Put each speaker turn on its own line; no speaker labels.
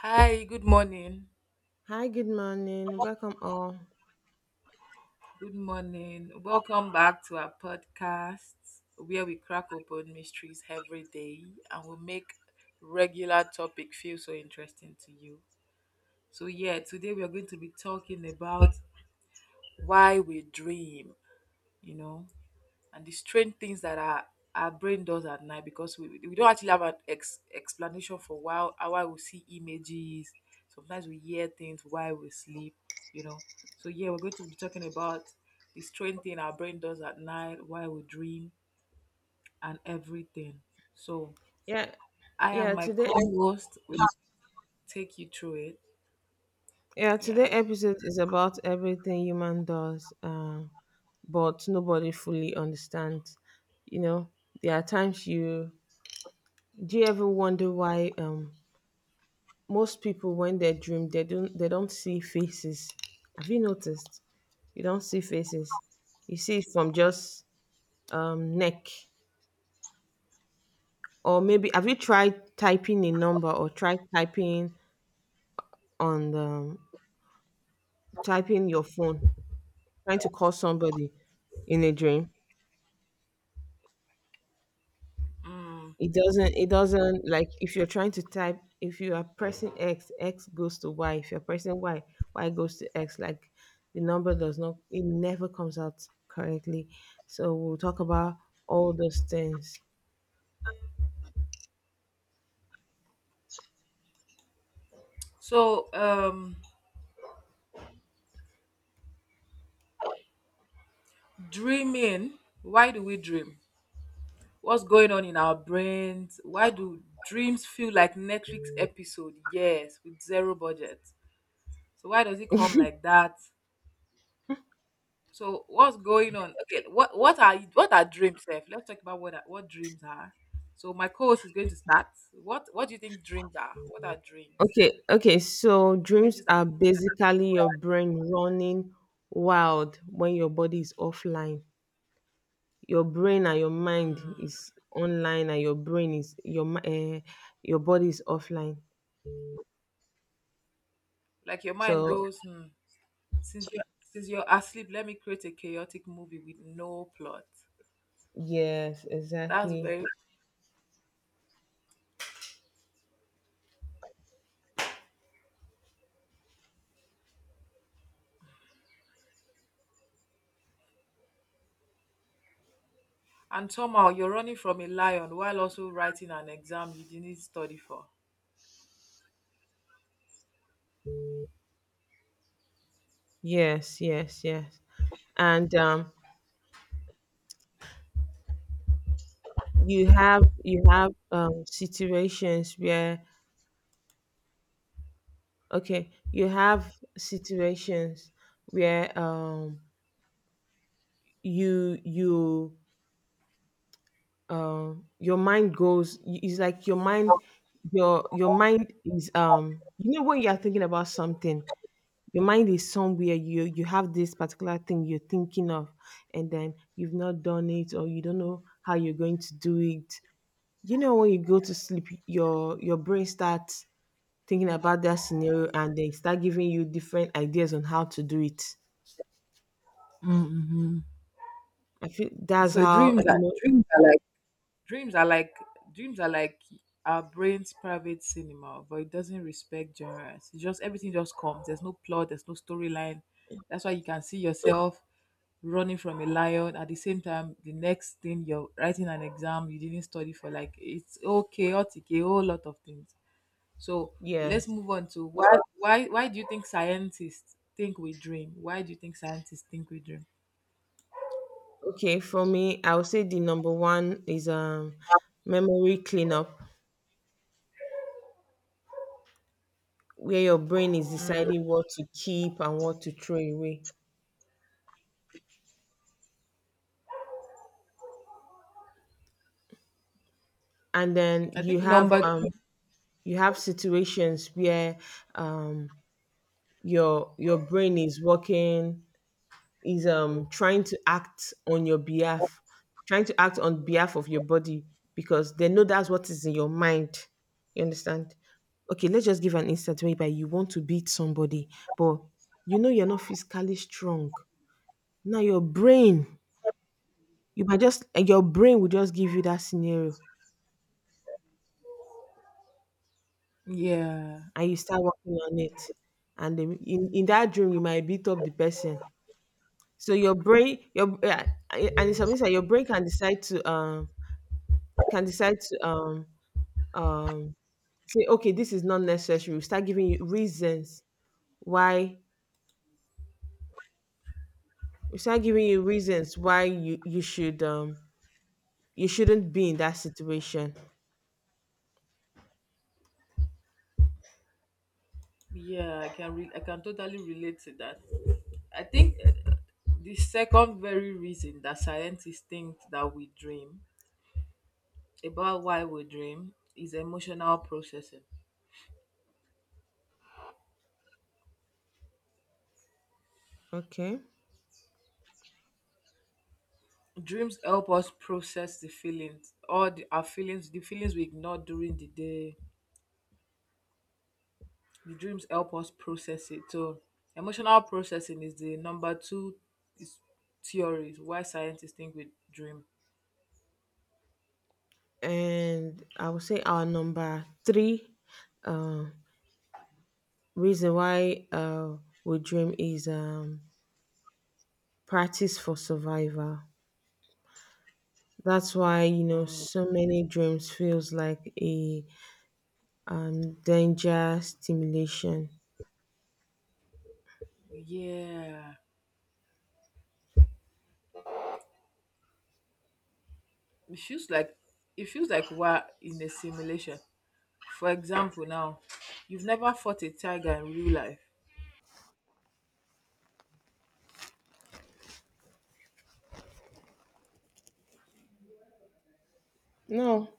Hi, good morning.
Hi, good morning. Welcome all.
Good morning. Welcome back to our podcast where we crack open mysteries every day and we make regular topic feel so interesting to you. Today we are going to be talking about why we dream, you know. And the strange things that our brain does at night because we don't actually have explanation for why we see images. Sometimes we hear things while we sleep, you know. We're going to be talking about the strange thing our brain does at night, why we dream, and everything. So,
Yeah,
I and
yeah.
my co host will take you through it.
Yeah,
Yeah.
today episode is about everything human does, but nobody fully understands. You know, there are times you do you ever wonder why most people when they dream they don't see faces. Have you noticed? You don't see faces. You see it from just neck, or maybe have you tried typing a number, or tried typing on the typing your phone, trying to call somebody in a dream. It doesn't, like, if you're trying to type, if you are pressing X, X goes to Y. If you're pressing Y, Y goes to X. Like, the number does not, it never comes out correctly. So we'll talk about all those things.
So, um, Dreaming, why do we dream? What's going on in our brains? Why do dreams feel like Netflix episode? Yes, with zero budget. So why does it come like that? So what's going on? Okay, what are dreams, Seth? Let's talk about what dreams are. So my co-host is going to start. What do you think dreams are? What are dreams?
Okay, okay. So
The
dreams
images that
are basically your brain running wild when your body is offline. Your brain and your mind is online, and your brain is your body is offline,
like your mind
so
goes, since you're asleep, let me create a chaotic movie with no plot.
yes,
That's
exactly.
very. And somehow you're running from a lion while also writing an exam you didn't study for.
Yes, yes, yes. And you have situations where okay, you have situations where you you your mind goes, it's like your mind, your mind is, you know, when you are thinking about something, your mind is somewhere, you have this particular thing you're thinking of, and then you've not done it, or you don't know how you're going to do it. You know, when you go to sleep, your brain starts thinking about that scenario, and they start giving you different ideas on how to do it.
Hmm.
I feel that's
So
how,
dreams
you
are,
know.
dreams are like Dreams are like dreams are like our brain's private cinema, but it doesn't respect genres. It's just everything just comes. There's no plot, there's no storyline. That's why you can see yourself running from a lion, at the same time the next thing you're writing an exam you didn't study for. Like, it's okay, chaotic, a whole lot of things. So
Yeah,
let's move on to why, why do you think scientists think we dream? Why do you think scientists think we dream?
okay, for me I would say the number one is, memory cleanup, where your brain is deciding what to keep and what to throw away. And then
I
you
think
have,
number two,
you have situations where um your brain is working, is trying to act on your behalf, trying to act on behalf of your body, because they know that's what is in your mind, you understand. Okay, let's just give an instance whereby you want to beat somebody, but you know you're not physically strong. Now your brain, you might just your brain will just give you that scenario,
yeah,
and you start working on it, and then in that dream you might beat up the person. So your brain, your, yeah, and it's something that your brain can decide to, can decide to um um say okay, this is not necessary. We start giving you reasons why, we start giving you reasons why you should, you shouldn't be in that situation.
yeah, I can totally relate to that. I think, the second very reason that scientists think that we dream about why we dream is emotional processing.
Okay,
Dreams help us process the feelings, our feelings, the feelings we ignore during the day. The dreams help us process it. So emotional processing is the number two is theories why scientists think we dream.
and I would say our number three um reason why we dream is, practice for survival. That's why, you know,
Mm,
so many dreams feels like a danger stimulation.
yeah. It feels like, it feels like we're in a simulation. For example, now, you've never fought a tiger in real life,
No,